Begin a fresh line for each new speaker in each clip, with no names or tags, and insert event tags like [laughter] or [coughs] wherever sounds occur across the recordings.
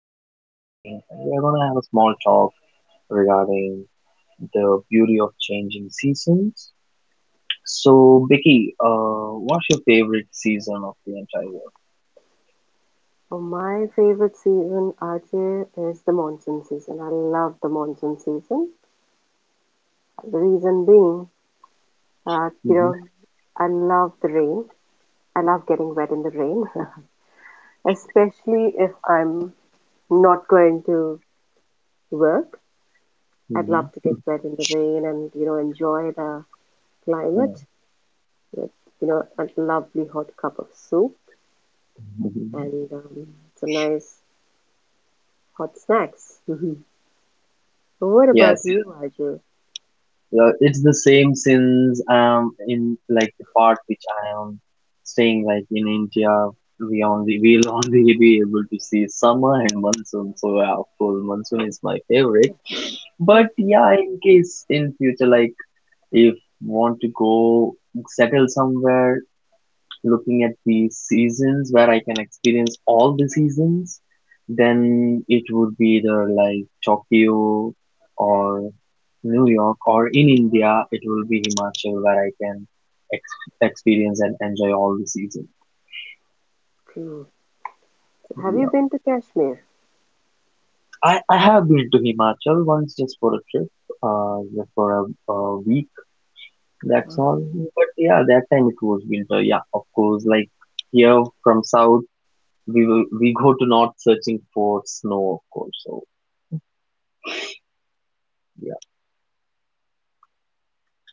Vicky here with me, and we're gonna have a small talk regarding the beauty of changing seasons. So, Vicky, what's your favorite season of the entire year?
Well, my favorite season, Ajay, is the monsoon season. I love the monsoon season. The reason being, uh, you know, I love the rain. I love getting wet in the rain, [laughs] especially if I'm not going to work. I'd love to
Mm-hmm.
get wet in the rain and, you know, enjoy the climate with, you know, a lovely hot cup of soup
Mm-hmm. [laughs]
and some nice hot snacks. [laughs] What
yes,
about you, Ajay?
Yeah, it's the same since in like the part which I am staying like in India we'll [laughs] only be able to see summer and monsoon, so yeah, of course monsoon is my favorite. But yeah, in case in future, like if want to go settle somewhere looking at the seasons where I can experience all the seasons, then it would be either like Tokyo or New York, or in India it will be Himachal where I can experience and enjoy all the seasons.
Have you
Yeah.
been to Kashmir?
I have been to Himachal once just for a trip, just for a week, that's all.
Ah.
But yeah, that time it was winter. Yeah, of course, like here from South, we will, we go to north searching for snow, of course. So yeah.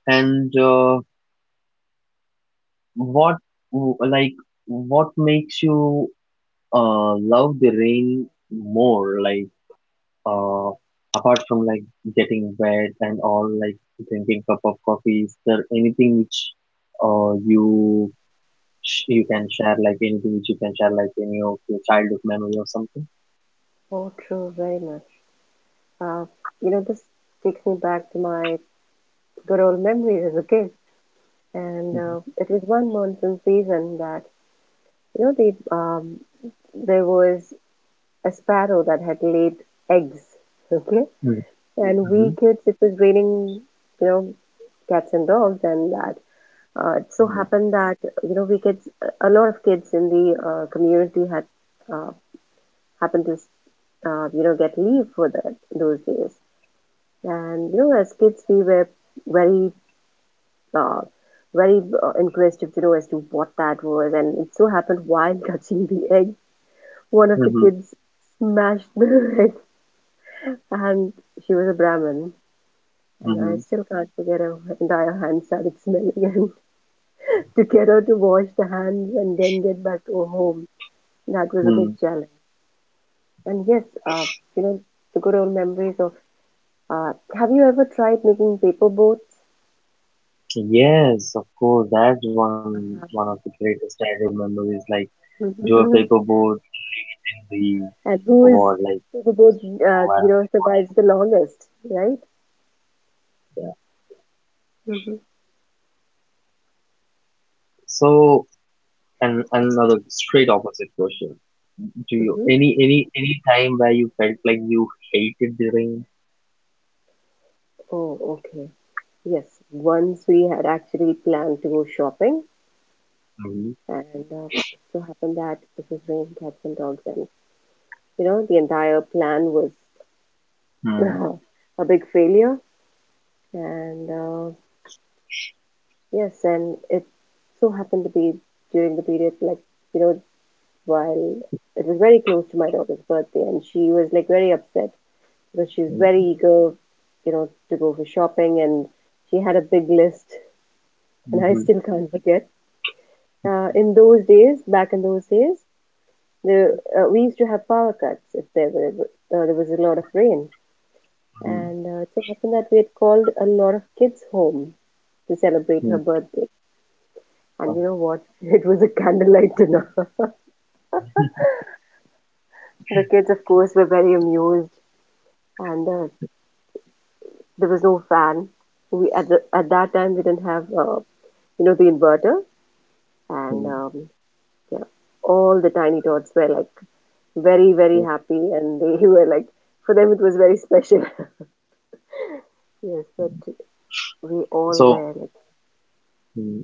And what like what makes you love the rain more? Like uh apart from like getting wet and all, like drinking cup of coffee, is there anything which you you can share? Like anything which you can share? Like any of your childhood memory or something?
Oh, true, very much. Uh, You know, this takes me back to my good old memories as a kid. And
Mm-hmm.
it was one monsoon season that, you know, there was a sparrow that had laid eggs. [laughs] Okay. And we
Mm-hmm.
kids, it was raining, you know, cats and dogs, and that it so
Mm-hmm.
happened that you know a lot of kids in the community had uh, happen to you know get leave for that those days. And you know, as kids, we were very uh, very inquisitive to know as to what that was. And it so happened while [laughs] touching the egg, one of the
Mm-hmm.
kids smashed the [laughs] egg, and she was a Brahmin. And I
Mm-hmm.
still can't forget, her entire hand started smelling. And [laughs] to get her to wash the hands and then get back to her home, that was a big challenge. And yes, you know, the good old memories of. Uh, have you ever tried making paper boats?
Yes, of course. That's one of the greatest childhood memories. Like
[laughs]
do a
And
paperboard, the
who is
award, like
who the boat, you
what?
know, survives the longest, right?
Yeah.
Mm-hmm.
So, and another straight opposite question. You
Mm-hmm.
any time where you felt like you hated the rain?
Oh, okay. Yes, once we had actually planned to go shopping,
Mm-hmm.
and it so happened that it was raining cats and dogs, and you know the entire plan was
Mm-hmm.
[laughs] a big failure. And yes, and it so happened to be during the period, like, you know, while it was very close to my daughter's birthday and she was like very upset because she was very eager, you know, to go for shopping and she had a big list and I
Mm-hmm.
still can't forget. In those days, back in those days, we used to have power cuts if there was a lot of rain, and it so happened that we had called a lot of kids home to celebrate her birthday. And you know what? [laughs] It was a candlelight dinner. [laughs] The kids, of course, were very amused, and there was no fan. We at that time we didn't have, you know, the inverter, and
Mm-hmm.
yeah, all the tiny tots were like very happy, and they [laughs] were like, for them it was very special. [laughs] Yes, but we all
So.
were like.
Hmm.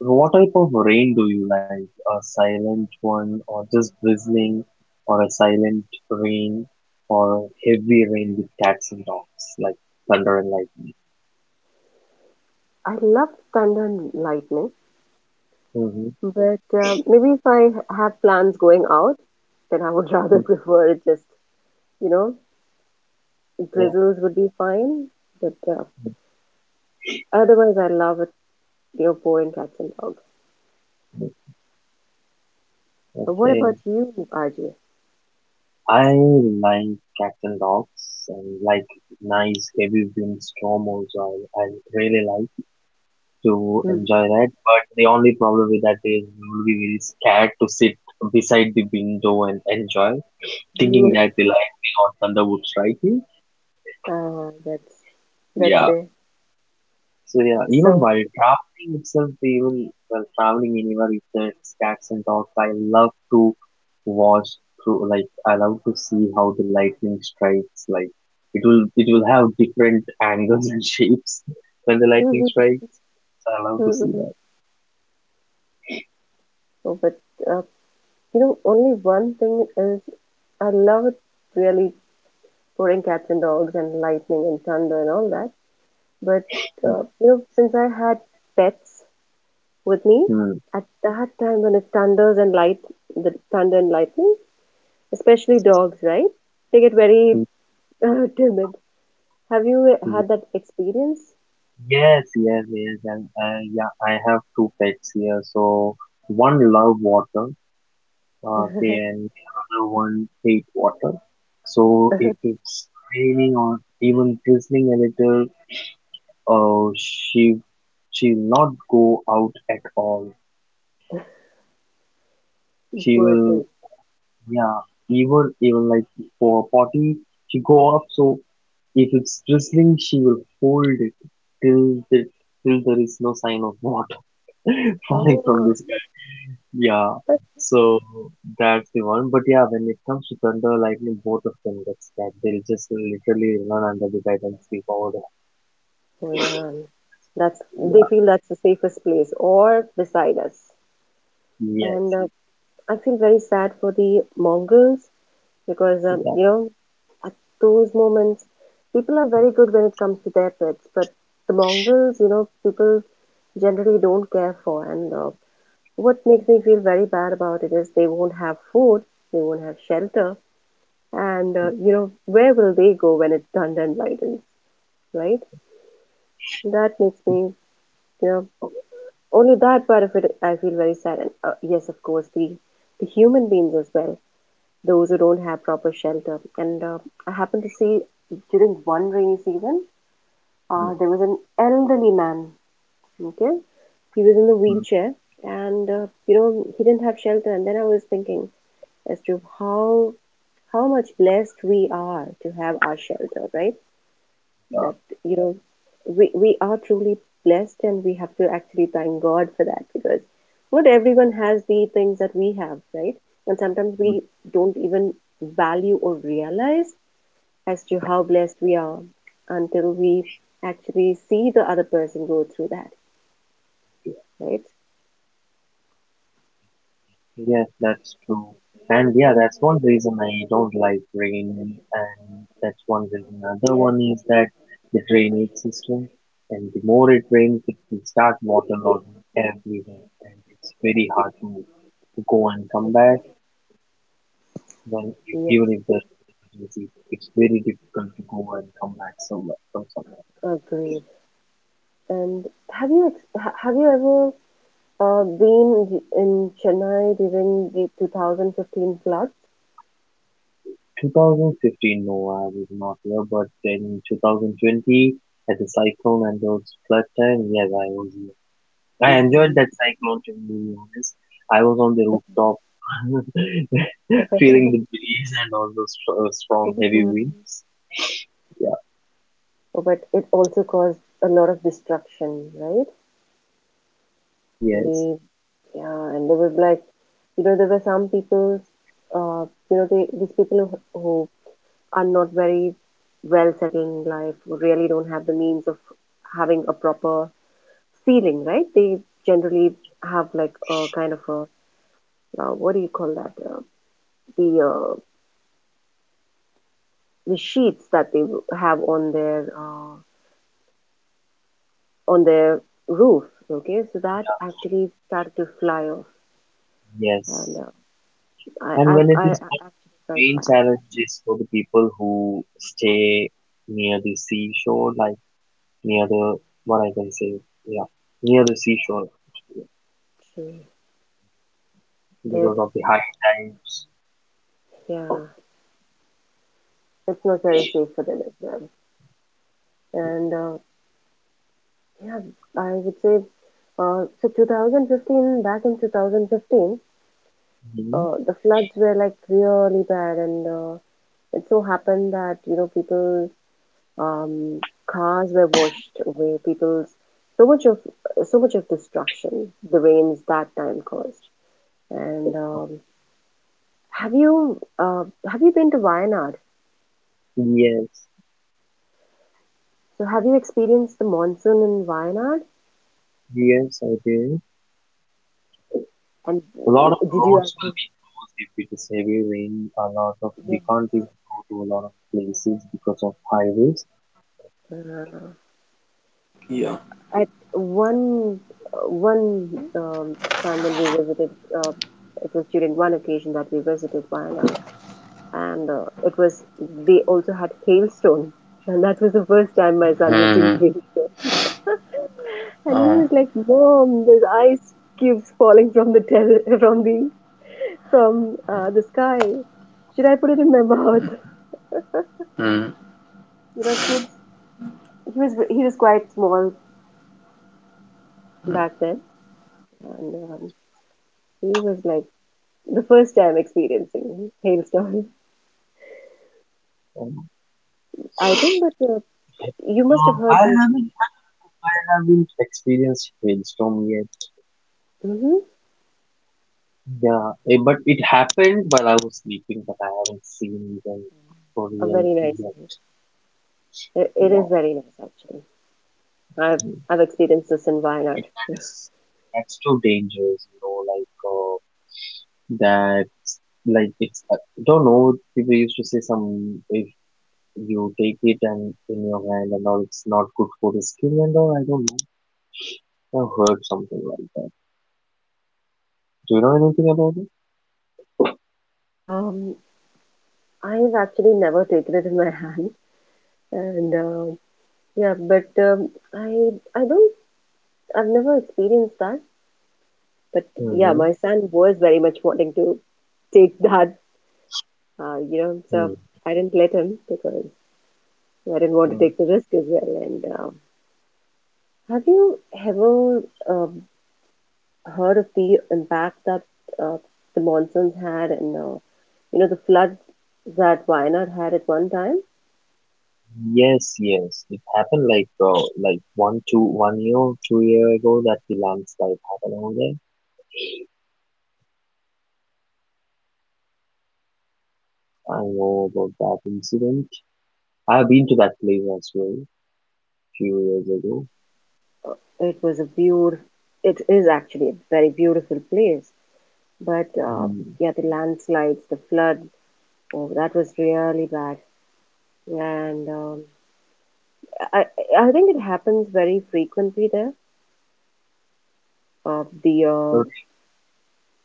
So what type of rain do you like? A silent one, or just drizzling, or a silent rain, or heavy rain with cats and dogs, like thunder and lightning?
I love thunder and lightning,
Hmm.
but maybe if I have plans going out, then I would [laughs] rather prefer it just, you know,
Yeah.
drizzles would be fine, but otherwise I love it, you know, pouring cats and dogs. But what
Okay.
about you, RJ?
I like cats and dogs and like nice heavy windstorm also. I really like to
Mhm.
enjoy that. But the only problem with that is you will be very scared to sit beside the window and enjoy, thinking
You,
that the life beyond thunder would strike you.
uh, that's that's
Yeah.
it.
So yeah, even
So.
while drafting itself, even while traveling anywhere with the stacks and dogs, I love to watch through, like I love to see how the lightning strikes. Like it will have different [laughs] angles and shapes when the lightning
Mhm.
strikes. So I love to
Mhm,
see
mhm.
that.
Oh, but uh, you know, only one thing is, I love it really pouring cats and dogs and lightning and thunder and all that. But you know, since I had pets with me
Hmm.
at that time, when it thunders and light, the thunder and lightning, especially dogs, right? They get very
Hmm,
[laughs] timid. Have you
hmm.
had that experience?
Yes, yes, yes, and yeah, I have two pets here. So one love water, okay, and another one hate water. So if it's raining or even drizzling a little, she she'll not go out at all. She
Poor
will,
thing.
yeah, even like for a potty she go up. So if it's drizzling she will hold it till the till there is no sign of water [laughs] falling from
Oh.
the sky. Yeah, so that's the one. But yeah, when it comes to thunder, lightning, both of them get scared. They'll just literally run under the bed and sleep over there.
Yeah, that's, they
Yeah,
feel that's the safest place or beside us. And
yes,
I feel very sad for the Mongols because
yeah,
you know, at those moments people are very good when it comes to their pets, but the Mongols, you know, people generally don't care for. And what makes me feel very bad about it is they won't have food, they won't have shelter, and you know, where will they go when it's thunder and lightens, right? That makes me, you know. Only that part of it I feel very sad. And yes, of course, the human beings as well, those who don't have proper shelter. And I happened to see during one rainy season,
mm,
there was an elderly man. Okay, he was in a
mm,
wheelchair, and you know, he didn't have shelter. And then I was thinking as to how much blessed we are to have our shelter, right?
yeah.
That, you know, we are truly blessed and we have to actually thank god for that, because not everyone has the things that we have, right? And sometimes
But
we don't even value or realize as to how blessed we are until we actually see the other person go through that, right?
yes, that's true. And yeah, that's one reason I don't like rain, and that's one reason. Another one is that the drainage system, and the more it rains, it will start waterlogging everywhere, and it's very hard to go and come back. Then if,
Yes,
even if there's easy, it's very difficult to go and come back somewhere from somewhere.
agreed. And have you have you ever been in Chennai during the 2015 floods?
2015, no, I was not here, but in 2020, at the cyclone and those flood time, yes, I was here. I enjoyed
Hmm.
that cyclone, to be honest. I was on the rooftop, [laughs] feeling the breeze and all those strong, heavy
[laughs]
winds. Yeah,
Oh, but it also caused a lot of destruction, right?
yes,
The Yeah, and there was, like, you know, there were some people, uh, you know, they, these people who, are not very well settled in life, who really don't have the means of having a proper ceiling, right? They generally have like a kind of a, what do you call that? The uh, the sheets that they have on their, on their roof. Okay, so that actually started to fly off, and
yes.
I
And when it is,
actually felt
main
that.
challenge is for the people who stay near the seashore, like near the, what I can say, yeah, near the seashore
True. That,
because of the high tides.
yeah, it's not very safe for them as well. And yeah, I would say, so 2015, back in 2015,
Hmm.
the floods were like really bad, and it so happened that you know people, um, cars were washed away, people's, so much of so much of destruction the rains that time caused. And have you, uh, have you been to Wayanad?
Yes,
So have you experienced the monsoon in Wayanad?
yes, I did.
And
A lot of
did you
roads will
actually?
be closed if it is heavy rain. A lot of we
Yes.
can't even go to a lot of places because of highways.
Uh, at one one um, Time when we visited, uh, it was during one occasion that we visited Wayanad, and it was, they also had hailstone, [laughs] and that was the first time my son was seeing hail. And he was like, "Mom, there's ice cubes falling from the [laughs] from the, from the sky. Should I put it in my mouth?" [laughs] You know, kids, he was quite small back then, and he was like the first time experiencing hailstorm.
Um,
[laughs] I think, but you must have heard
I
these.
haven't, I haven't experienced hailstorm yet.
Mm-hmm,
Yeah, eh, but it happened while I was sleeping, but I haven't seen them for
a
real
very nice.
yet.
It
Yeah,
is very nice actually. I've I've experienced this in
it,
Wayanad.
that's too dangerous, you know. Like that, like it's, I don't know. People used to say some if you take it and in your hand and all, it's not good for the skin and all. I don't know. I heard something like that. Do you know anything about it?
Um, I've actually never taken it in my [laughs] hand, and yeah, but I don't I've never experienced that. But yeah, my son was very much wanting to take that. You know, so I didn't let him because I didn't want to
Mm-hmm.
take the risk as well. And have you ever um, heard of the impact that uh, the monsoons had, and you know, the floods that Wayanad had at one time?
Yes, yes. It happened like one two one year two year ago that the landslide happened over there. I know about that incident. I've been to that place as well few years ago.
It was a beautiful, it is actually a very beautiful place. But
Mm.
yeah, the landslides, the flood, oh, that was really bad. And I, I think it happens very frequently there. Uh, the uh,
Uh,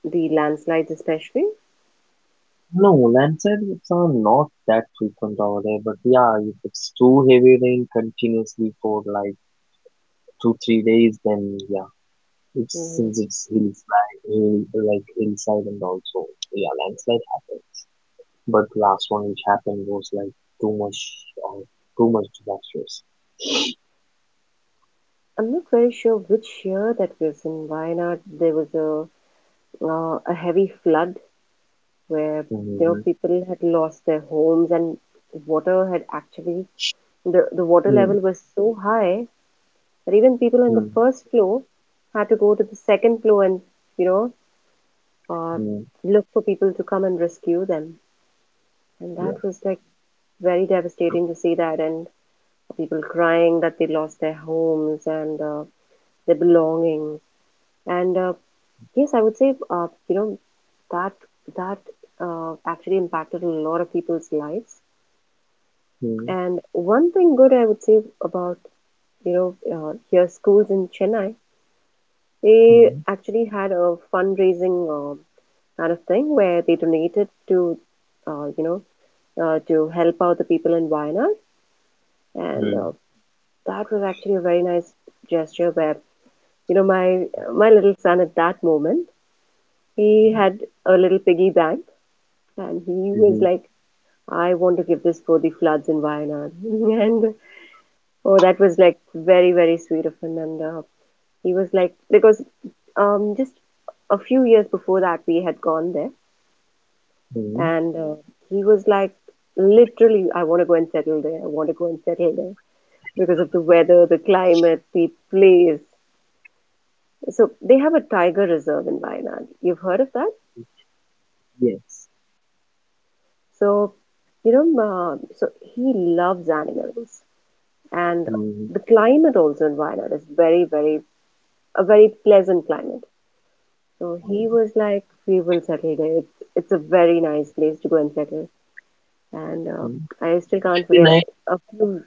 the landslides especially.
No, landslides are not that frequent over there, but yeah, if it's too heavy rain continuously for like two three days, then yeah, it's
Mm,
since it's hillside, hill, like hillside, and also yeah, landslide happen. But the last one which happened was like too much of too much disastrous.
I'm not very sure which year that was in Wayanad. There was a, a heavy flood where you know
Mm-hmm.
people had lost their homes and water had actually, the water level was so high that even people on the
Mm-hmm.
first floor had to go to the second floor and you know, uh,
Mm-hmm.
look for people to come and rescue them. And that
Yeah.
was like very devastating to see that, and people crying that they lost their homes and their belongings. And yes, I would say, you know, that that actually impacted a lot of people's lives.
Mm-hmm.
And one thing good I would say about, you know, here schools in Chennai, they
Mm-hmm.
actually had a fundraising kind of thing where they donated to, you know, to help out the people in Wayanad. And that was actually a very nice gesture where, you know, my little son at that moment, he had a little piggy bank and he was
Mm-hmm.
like, I want to give this for the floods in Wayanad. [laughs] And oh, that was like very, very sweet of him. And he was like, because just a few years before that, we had gone there.
Mm-hmm.
And he was like, literally, I want to go and settle there. I want to go and settle there because of the weather, the climate, the place. So they have a tiger reserve in Wayanad. You've heard of that?
Yes.
So, you know, so he loves animals. And
Mm-hmm.
the climate also in Wayanad is very, very, a very pleasant climate. So he
Mm-hmm.
was like, "We will settle there. It's a very nice place to go and settle." And I still can't
The
forget
night
a few.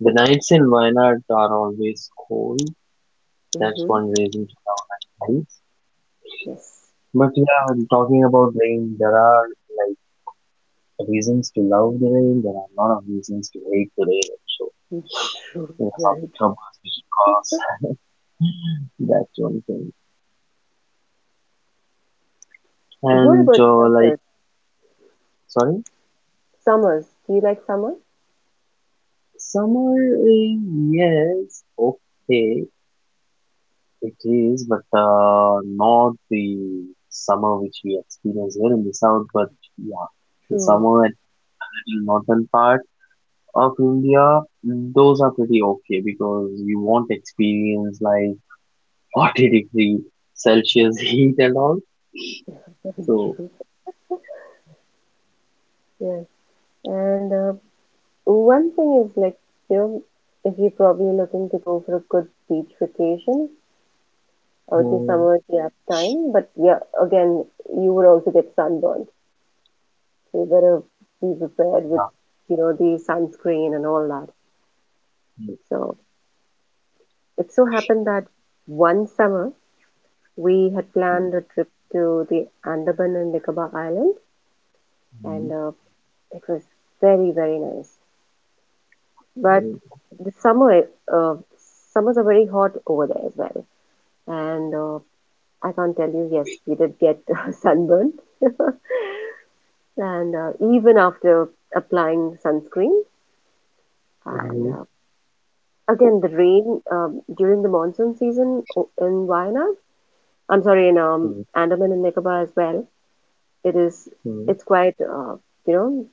the nights in Wayanad are always cold. That's
Hmm.
one reason to love nights.
Yes.
But yeah, talking about rain, there are like reasons to love the rain. There are a lot of reasons to hate the rain. So
[laughs] True,
that's all
very
the troubles which it
true. [laughs]
causes. [laughs] That's one thing.
What
And
about
like,
summers?
sorry,
Summers. Do you like summer?
summer is, yes, okay, it is, but not the summer which we experience here in the south. But yeah, the
True.
summer at the northern part of India, those are pretty okay because you won't experience like 40-degree Celsius [laughs] heat and all.
[laughs] Very
So.
true. Yes. And one thing is like, you know, if you're probably looking to go for a good beach vacation, to
Mm,
summer nap time. But yeah, again, you would also get sunburned. So you better be prepared with, the sunscreen and all that. So it so happened that one summer we had
mm,
planned a trip to the Andaman and Nicobar Island,
mm,
and it was very very nice. But
mm,
the summer, uh, summers are very hot over there as well, and I can't tell you. Yes, we did get [laughs] sunburned. [laughs] And even after applying sunscreen. And
mm,
again, the rain during the monsoon season in Wayanad, I'm sorry, in
mm, mm,
Andaman and Nicobar as well, it is
mm.
it's quite you know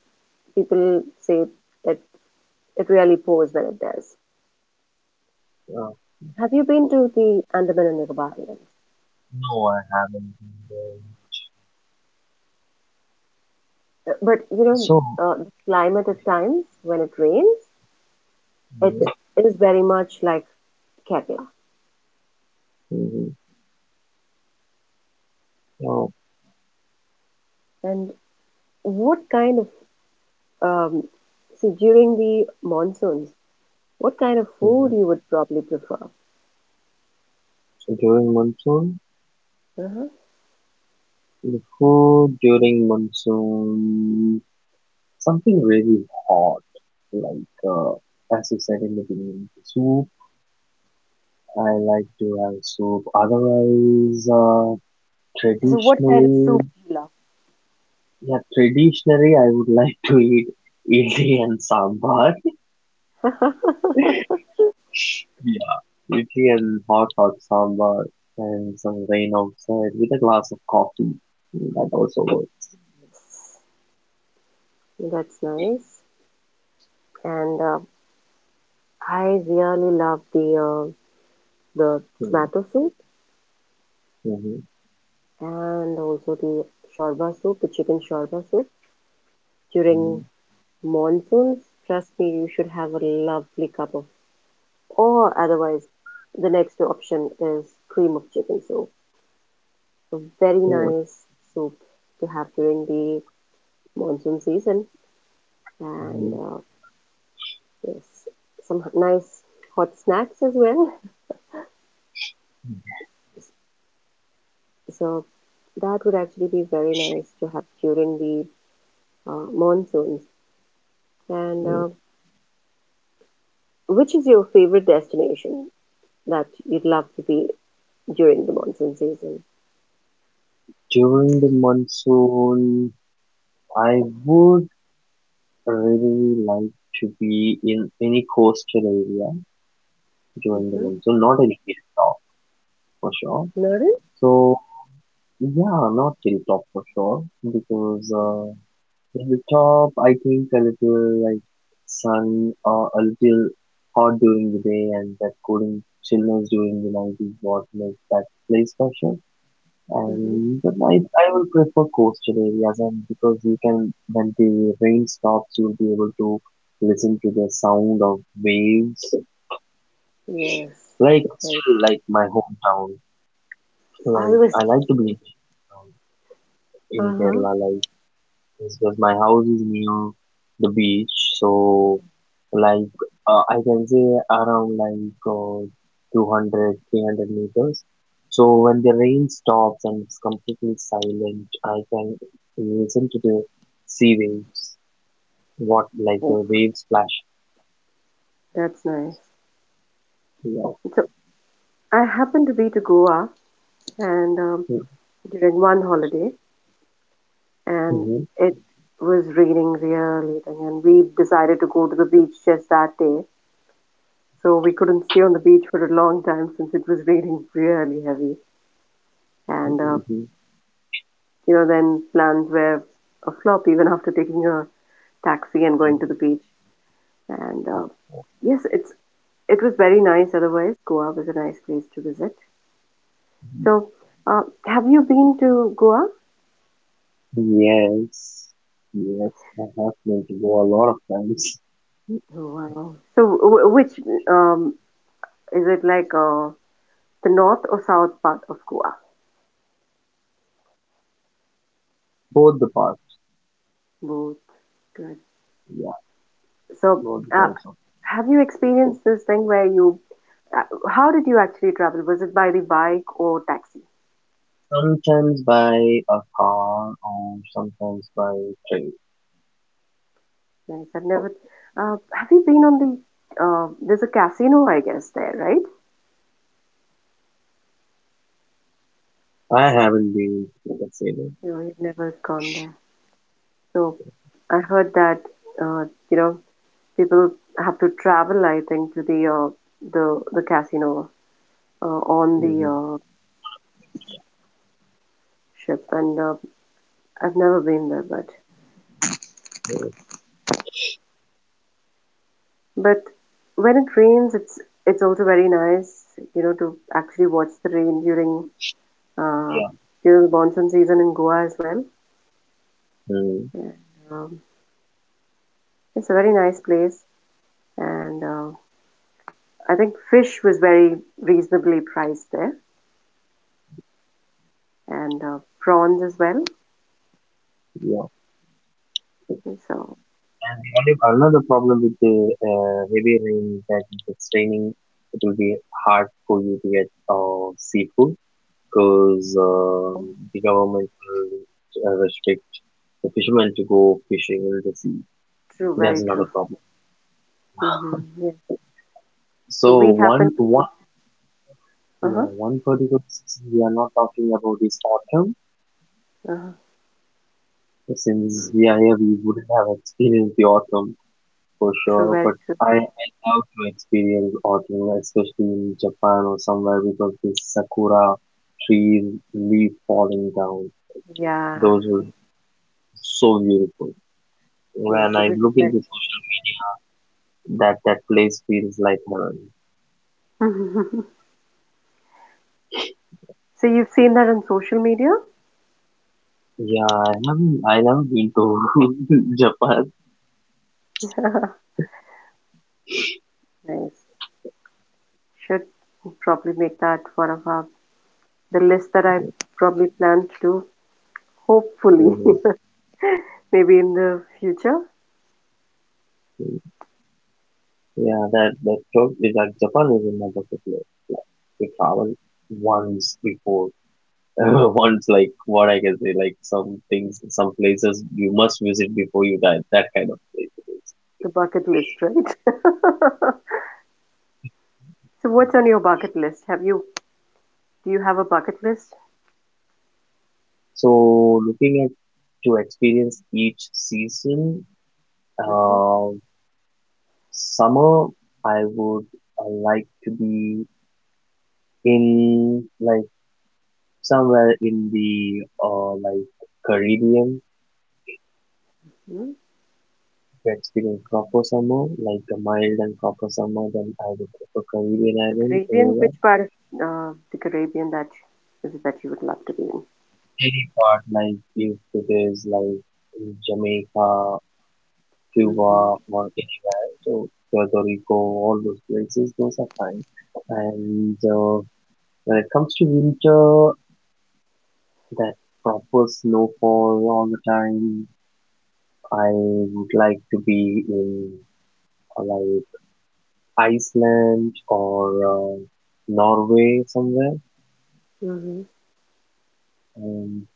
people say that it really pours when it does.
Uh,
Have you been to the Andaman and Nicobar Islands?
no, I haven't been there.
But
So,
the climate at times when it rains, it is very much like Kerala.
mhm, oh,
And what kind um, see, during the monsoons, what kind of food
mhm.
you would probably prefer?
So during monsoon,
Uh-huh.
the food during monsoon, something really hot. Like, uh, as you said in the beginning, soup. I like to have soup. Otherwise,
So what kind of soup
traditionally,
do you love?
yeah, traditionally, I would [laughs] like to eat idli and sambar.
[laughs]
Yeah. Idli and hot, hot sambar and some rain outside with a glass of coffee. That also works.
Yes. That's nice. And I really love the the
Yeah.
tomato soup
Mhm,
and also the shorba soup, the chicken shorba soup.
mhm.
During monsoons, trust me, you should have a lovely cup of, or otherwise, the next option is cream of chicken soup. A very
So,
nice soup to have during the monsoon season. And
mhm,
yes, some nice hot snacks as well. So that would actually be very nice to have during the monsoons. And
so
which is your favorite destination that you'd love to be during the monsoon season?
during the monsoon, I would really like to be in any coastal area during the
Mm-hmm.
monsoon, not any hilltop for sure.
Lauren?
So, yeah, not hilltop for sure because hilltop, I think a little like sun a little hot during the day and that cooling chillness during the night is what makes that place special.
Mm-hmm.
And but I will prefer coastal areas, and because you can, when the rain stops you'll be able to listen to the sound of waves.
Yes.
Like
Very.
still like my hometown.
I
Like
was
I like
just.
to be in
Uh huh.
Kerala like. Yes, because my house is near the beach, so like I can say around like 200 meters. So when the rain stops and it's completely silent, I can listen to the sea waves, what like
Oh,
the waves splash.
that's nice.
Yeah.
So I happened to be to Goa and during one holiday, and
Mm-hmm.
it was raining really, and we decided to go to the beach just that day. So we couldn't stay on the beach for a long time since it was raining really heavy. And uh,
Hmm.
then plans were a flop even after taking a taxi and going to the beach. And yes, it was very nice. Otherwise, Goa was a nice place to visit. So, uh, have you been to Goa?
Yes, yes, I have been to go a lot of times.
Oh, wow. So, which um, is it like the north or south part of Goa?
Both the parts,
Both. Good.
yeah,
So,
both the
uh,
sides.
have you experienced this thing where you? Uh, how did you actually travel? Was it by the bike or taxi?
Sometimes by a car or sometimes by train.
Nice. I've never. Have you been on the? There's a casino, I guess, there, right?
I haven't been to consider.
No, you've never gone there. So, I heard that uh, you know people have to travel. I think to the casino on the
Mm,
ship, and I've never been there, but
uh,
But when it rains, it's also very nice, to actually watch the rain uh,
yeah.
during the monsoon season in Goa as well.
Mm,
And, um, it's a very nice place, and I think fish was very reasonably priced there, and prawns as well.
yeah.
So
And the only another problem with the heavy rain is that if it's raining, it will be hard for you to get seafood because the government will restrict the fishermen to go fishing in the sea.
true,
That's
very
another
true.
problem.
Hmm. Yeah. So
So
we happened to
one
go. Uh
yeah,
huh.
one particular season we are not talking about is autumn.
Uh-huh.
Since we are here, we wouldn't have experienced the autumn for
True,
sure,
very
but
true.
I love to experience autumn, especially in Japan or somewhere, because the sakura trees, leaf falling down,
Yeah.
those were so beautiful.
Yes,
When
it
I
would be
look
very.
into that, that place feels like heaven.
[laughs] So you've seen that on social media?
Yeah, I haven't been to [laughs] Japan.
[laughs] Nice. Should probably make that one of our the list that I probably plan to do, hopefully,
Mhm.
[laughs] maybe in the future,
Yeah, that trip is that Japan is in my bucket list. Like, we traveled once before [laughs] once, like what I can say, like some things, some places you must visit before you die. That kind of place it is.
the bucket list, right? [laughs] So what's on your bucket list? Have you do you have a bucket list?
So looking at to experience each season,
Mm-hmm.
uh, summer I would like to be in like somewhere in the like Caribbean
Hmm.
to experience proper summer, like a mild and proper summer. Then I would prefer Caribbean
The
island
Caribbean,
area.
which part of the Caribbean that is it that you would love to be in?
Any part, like if it is like in Jamaica, Cuba, or anywhere, so Puerto Rico, all those places, those are fine. And when it comes to winter, that proper snowfall all the time, I would like to be in like Iceland or Norway somewhere.
Mm-hmm. Mm-hmm.
And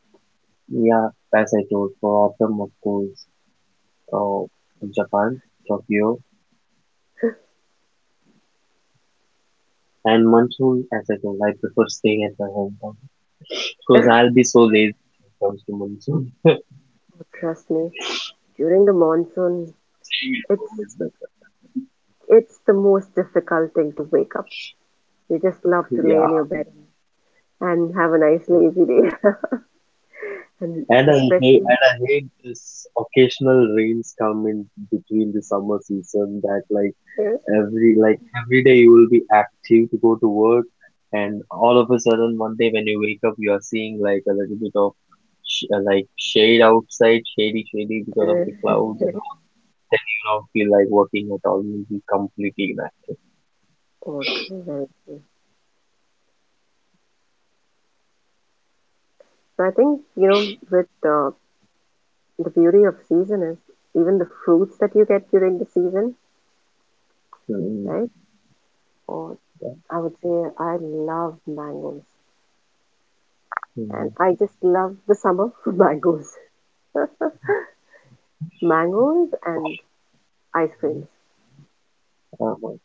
yeah, as I told, for autumn, of course, uh, Japan, Tokyo. And monsoon, as I told, I prefer staying at my hometown because
[laughs]
I'll be so lazy when it comes to monsoon. [laughs]
Trust me, during the monsoon,
Staying at
it's
home is better.
it's the most difficult thing to wake up. You just love to lay
Yeah,
in your bed and have a nice lazy day. [laughs] And
and I hate
especially
and I hate this occasional rains come in between the summer season that like
uh,
every like every day you will be active to go to work, and all of a sudden one day when you wake up you are seeing like a little bit of like shade outside, shady because of the
uh,
clouds, and you don't feel like working at all, you'll be completely
autumn, I think. So I think with the beauty of season is even the fruits that you get during the season,
inactive.
right? Or I would say I love mangoes, and
Mhm.
I just love the summer for [laughs] mangoes, [laughs] mangoes and ice creams.
Uh, wh-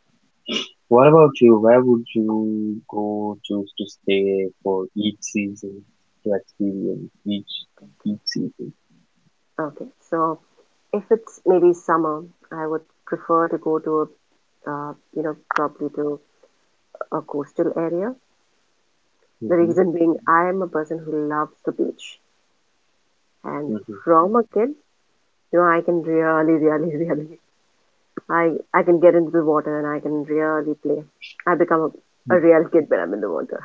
What about you? Where would you go choose to stay for each season to experience each season?
Okay, so if it's maybe summer, I would prefer to go to a you know probably to a coastal area. The
Mm-hmm.
reason being, I am a person who loves the beach, and
Mm-hmm.
from a kid, I can really, really, [laughs] really, I can get into the water and I can really play. I become a real kid when I'm in the water.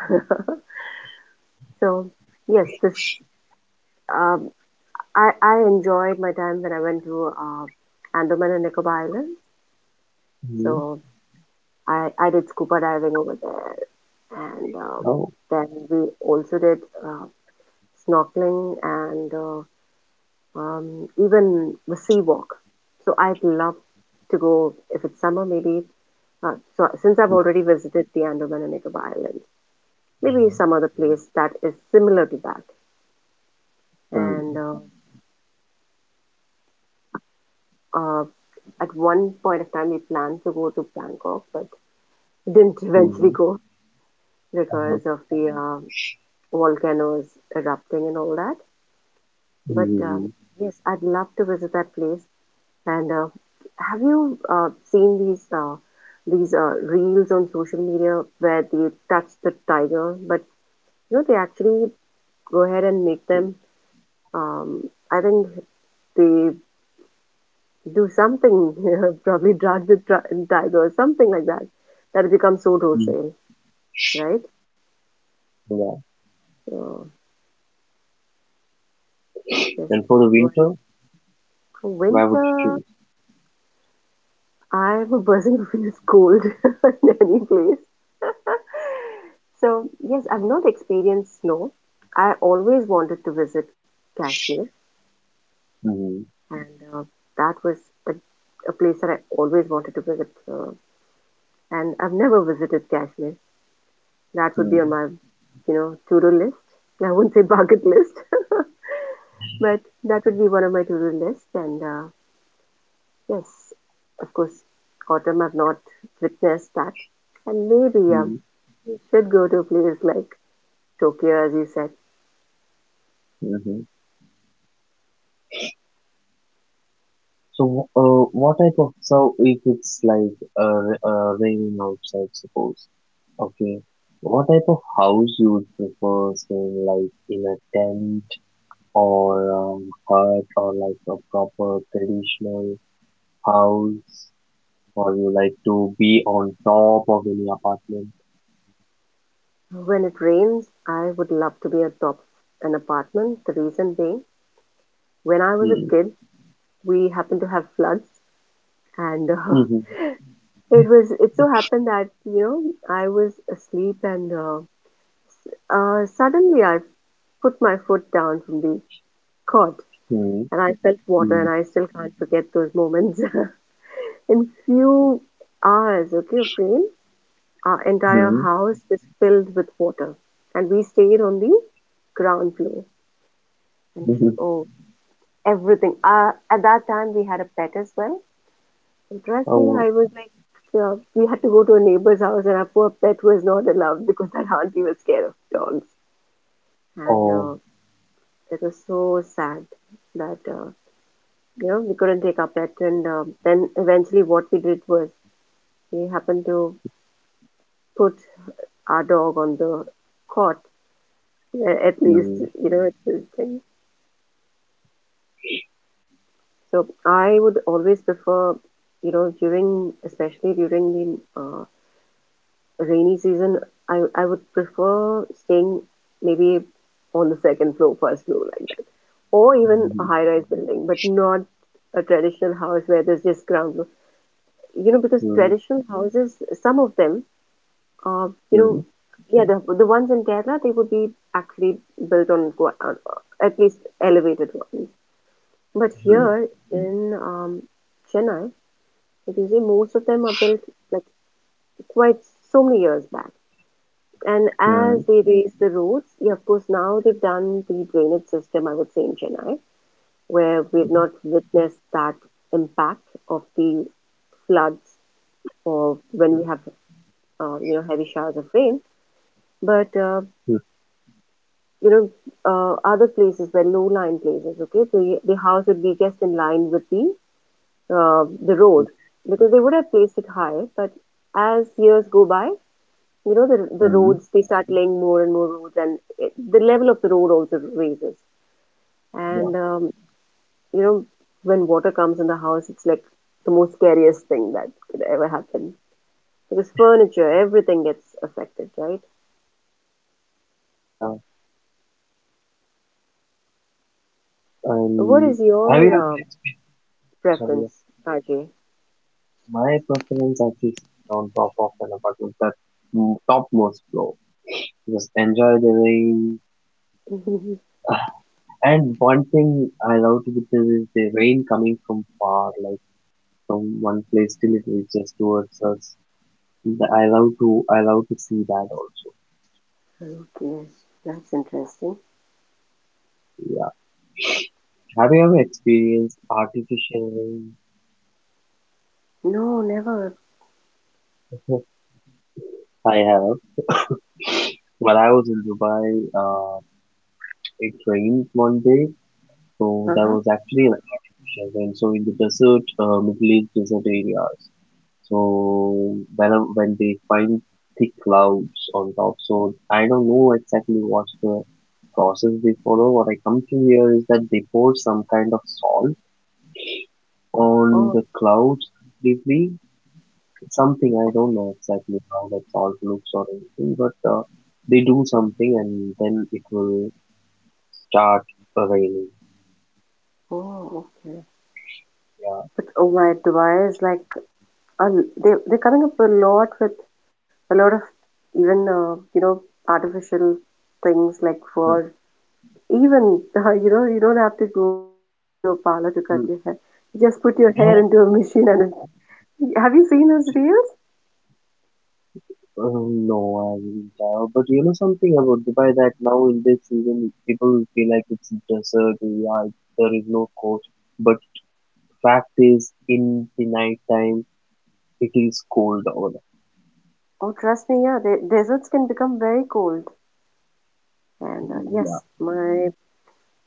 [laughs] So yes, this um, I enjoyed my time when I went to Andaman and Nicobar Islands.
Mm-hmm.
So I did scuba diving over there, and
Oh.
then we also did uh, snorkeling and. Even the sea walk. So I'd love to go if it's summer, maybe. So since I've already visited the Andaman and Nicobar Island, maybe some other place that is similar to that. And
Mm-hmm.
uh, at one point of time, we planned to go to Bangkok, but [laughs] didn't eventually go
Uh-huh.
because of the volcanoes erupting and all that. But
Mm-hmm.
yes, I'd love to visit that place. And have you seen these reels on social media where they touch the tiger, but they actually go ahead and make them. Um, I think they do something, [laughs] probably drag the tiger or something like that. That it becomes so
Mm-hmm.
docile, right?
Yeah.
So yes,
And for the
well,
winter,
for
where would you
winter,
choose?
I'm a person who feels cold [laughs] in any place. [laughs] So, yes, I've not experienced snow. I always wanted to visit Kashmir,
Mm-hmm.
and that was a, a place that I always wanted to visit. Uh, and I've never visited Kashmir. That would be on my, to-do list. I wouldn't say bucket list, [laughs] but that would be one of my to-do list. And yes, of course, autumn I've not witnessed that. And maybe
Mm-hmm.
we should go to a place like Tokyo, as you said.
Mm-hmm. So, what type of so if it's like raining outside, suppose. Okay. What type of house you would prefer, staying like in a tent or hut or like a proper traditional house, or you like to be on top of any apartment?
When it rains, I would love to be atop an apartment. The reason being, when I was a
Mm.
kid, we happened to have floods, and
Mm-hmm.
[laughs] it so happened that I was asleep, and suddenly I put my foot down from the cot,
Mm.
and I felt water, and
Mm.
I still can't forget those moments. [laughs] In few hours, okay, of rain, our entire
Mm.
house was filled with water, and we stayed on the ground floor. And
Mm-hmm. [laughs]
oh, everything. At that time, we had a pet as well. And trust me,
Oh.
I was like, we had to go to a neighbor's house, and our poor pet was not allowed because that auntie was scared of dogs. And
Oh.
it was so sad that we couldn't take our pet. And then eventually, what we did was we happened to put our dog on the cot, at least
Mm.
it's this thing. So I would always prefer, during especially during the rainy season, I would prefer staying maybe on the second floor, first floor like that, or even a high rise building, but not a traditional house where there's just ground floor. Because
Mm.
traditional houses, some of them are,
Mm.
yeah, the ones in Kerala they would be actually built on, at least elevated ones, but
Mm.
here in Chennai, if you see, most of them are built like quite so many years back. And
Mm.
as they raise the roads, yeah, of course, now they've done the drainage system, I would say, in Chennai, where we've not witnessed that impact of the floods or when we have, heavy showers of rain. But,
Mm.
you know, other places where low-lying places, okay, the house would be just in line with the road because they would have placed it high. But as years go by, the
Mm.
roads, they start laying more and more roads and the level of the road also raises.
Yeah.
And um, you know, when water comes in the house, it's like the most scariest thing that could ever happen because furniture, everything gets affected, right?
Yeah.
What
And
is
have you
your
ever experienced?
preference, Ajay?
My preference actually sits on top of an apartment that topmost floor. Just enjoy the rain.
[laughs] Okay,
[laughs] And one thing I love to witness is the rain coming from far, like from one place till it reaches towards us. I love to see that also.
that's interesting.
Yeah. Have you ever experienced artificial rain?
No, never.
[laughs] I have. While I was in Dubai, uh, it rained one day, so
Uh
there
huh.
was actually an artificial rain. So in the desert, Middle East desert areas. So when they find thick clouds on top, so I don't know exactly what's the process they follow. What I come to hear is that they pour some kind of salt on
Oh,
the clouds completely. Something I
oh,
don't know exactly how that salt looks or anything, but they do something and then it will start raining.
oh, okay.
Yeah.
But oh my, Dubai is like a, they they're coming up a lot with a lot of even artificial things like for. Even, you don't have to go to a parlor to cut your hair.
Hmm.
You just put your hair into a machine and [laughs] have you seen those reels?
No, I haven't. But you know something about Dubai that now in this season people feel like it's desert, yeah, there is no coast. But fact is, in the night time, it is cold over there.
Oh, trust me, yeah, the deserts can become very cold. And
Yeah.
yes, my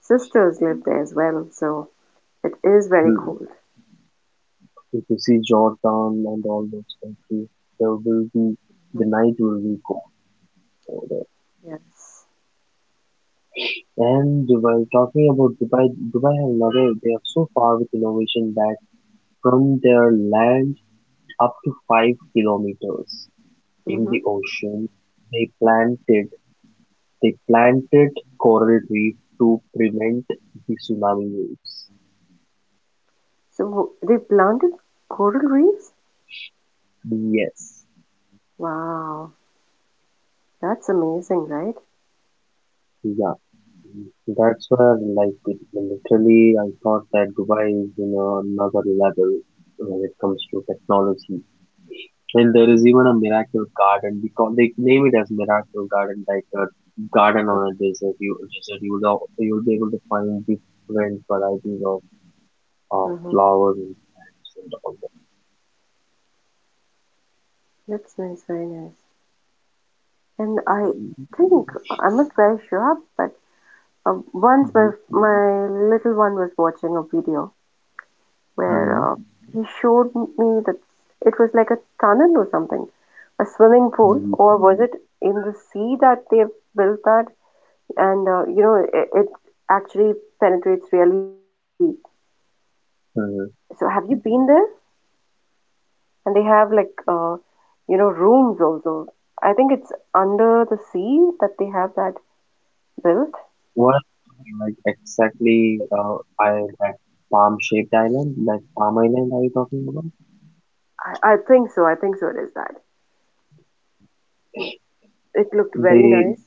sisters live there as well, so it is very
Hmm.
cold.
If you see Jordan and all those countries, there will be, the night will be cold over there.
Yes.
And Dubai, talking about Dubai, Dubai have another, they are so far with innovation that from their land up to 5 kilometers in
Mm-hmm.
the ocean, they planted coral reef to prevent the tsunami waves.
So they planted coral reefs?
Yes,
Wow, that's amazing, right?
yeah, that's where like it, literally I thought that Dubai is in another level when it comes to technology. And there is even a miracle garden because they name it as miracle garden, like a garden on a desert. You'll be able to find different varieties of
Mm-hmm.
flowers and plants and all
That's nice, very nice. And I
that.
think, I'm not very sure, but once my
Mhm,
my little one was watching a video where
mhm,
he showed me that it was like a tunnel or something, a swimming pool,
mhm,
or was it in the sea that they built that? It actually penetrates really deep. So
mhm.
have you been there? And they have like rooms also. I think it's under the sea that they have that built.
What like exactly by that palm shaped island, like Palm Island are you talking about?
I think so. I think so. It is that. It looked very
They
nice.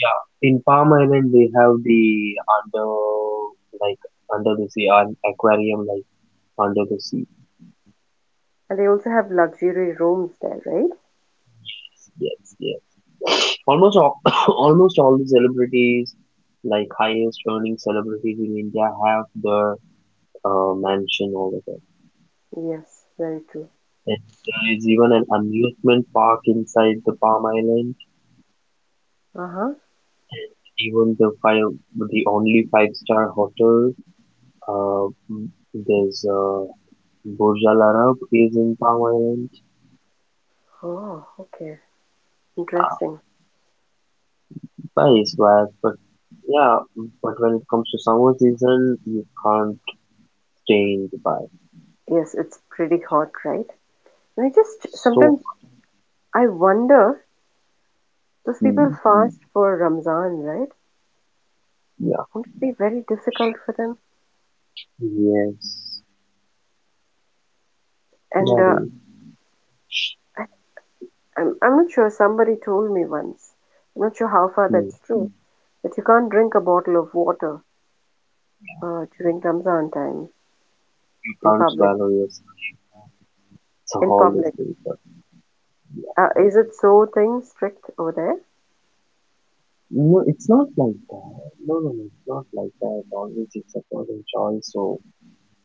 yeah, in Palm Island they have the under like under the sea an aquarium like under the sea.
And they also have luxury rooms there, right?
Yes, yes. Almost all [coughs] almost all the celebrities like highest earning celebrities in India have the mansion over there.
Yes, very true.
And there is even an amusement park inside the Palm Island.
Uh huh.
Even the the only five-star hotel, uh, m- there's Burj Al Arab is in Palm Island.
Oh, okay.
Uh,
Interesting.
Nice vibe, but yeah, but when it comes to summer season, you can't stay in Dubai.
Yes, it's pretty hot, right? And I just
So,
sometimes I wonder those people
mm,
Fast for Ramzan, right?
yeah,
Won't it be very difficult for them?
yes,
And
that is,
I, I'm not sure. Somebody told me once. I'm not sure how far
mm,
that's true. Mm. That you can't drink a bottle of water during Ramzan time
you
in
can't
public.
swallow your so
In
all these
public,
things.
is it so thing strict over there?
No, it's not like that. No, no, no, it's not like that. Always it's a personal choice. So,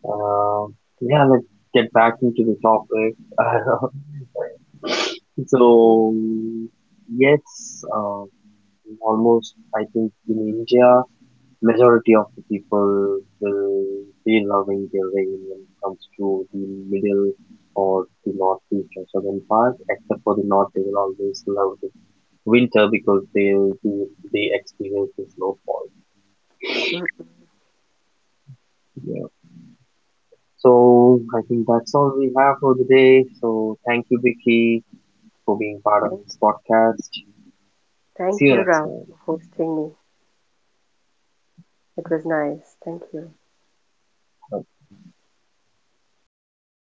uh, yeah, let's get back into the topic. [laughs] So, yes, almost I think in India, majority of the people will be loving their rain when it comes to the middle or the northeast or southern part, except for the north, they will always love the winter because they, they experience the snowfall.
Mm.
Yeah. So I think that's all we have for the day. So thank you, Vicky, for being part of
Thank,
this podcast.
thank
See you
you,
next
Ralph,
time.
for hosting me. It was nice. Thank you.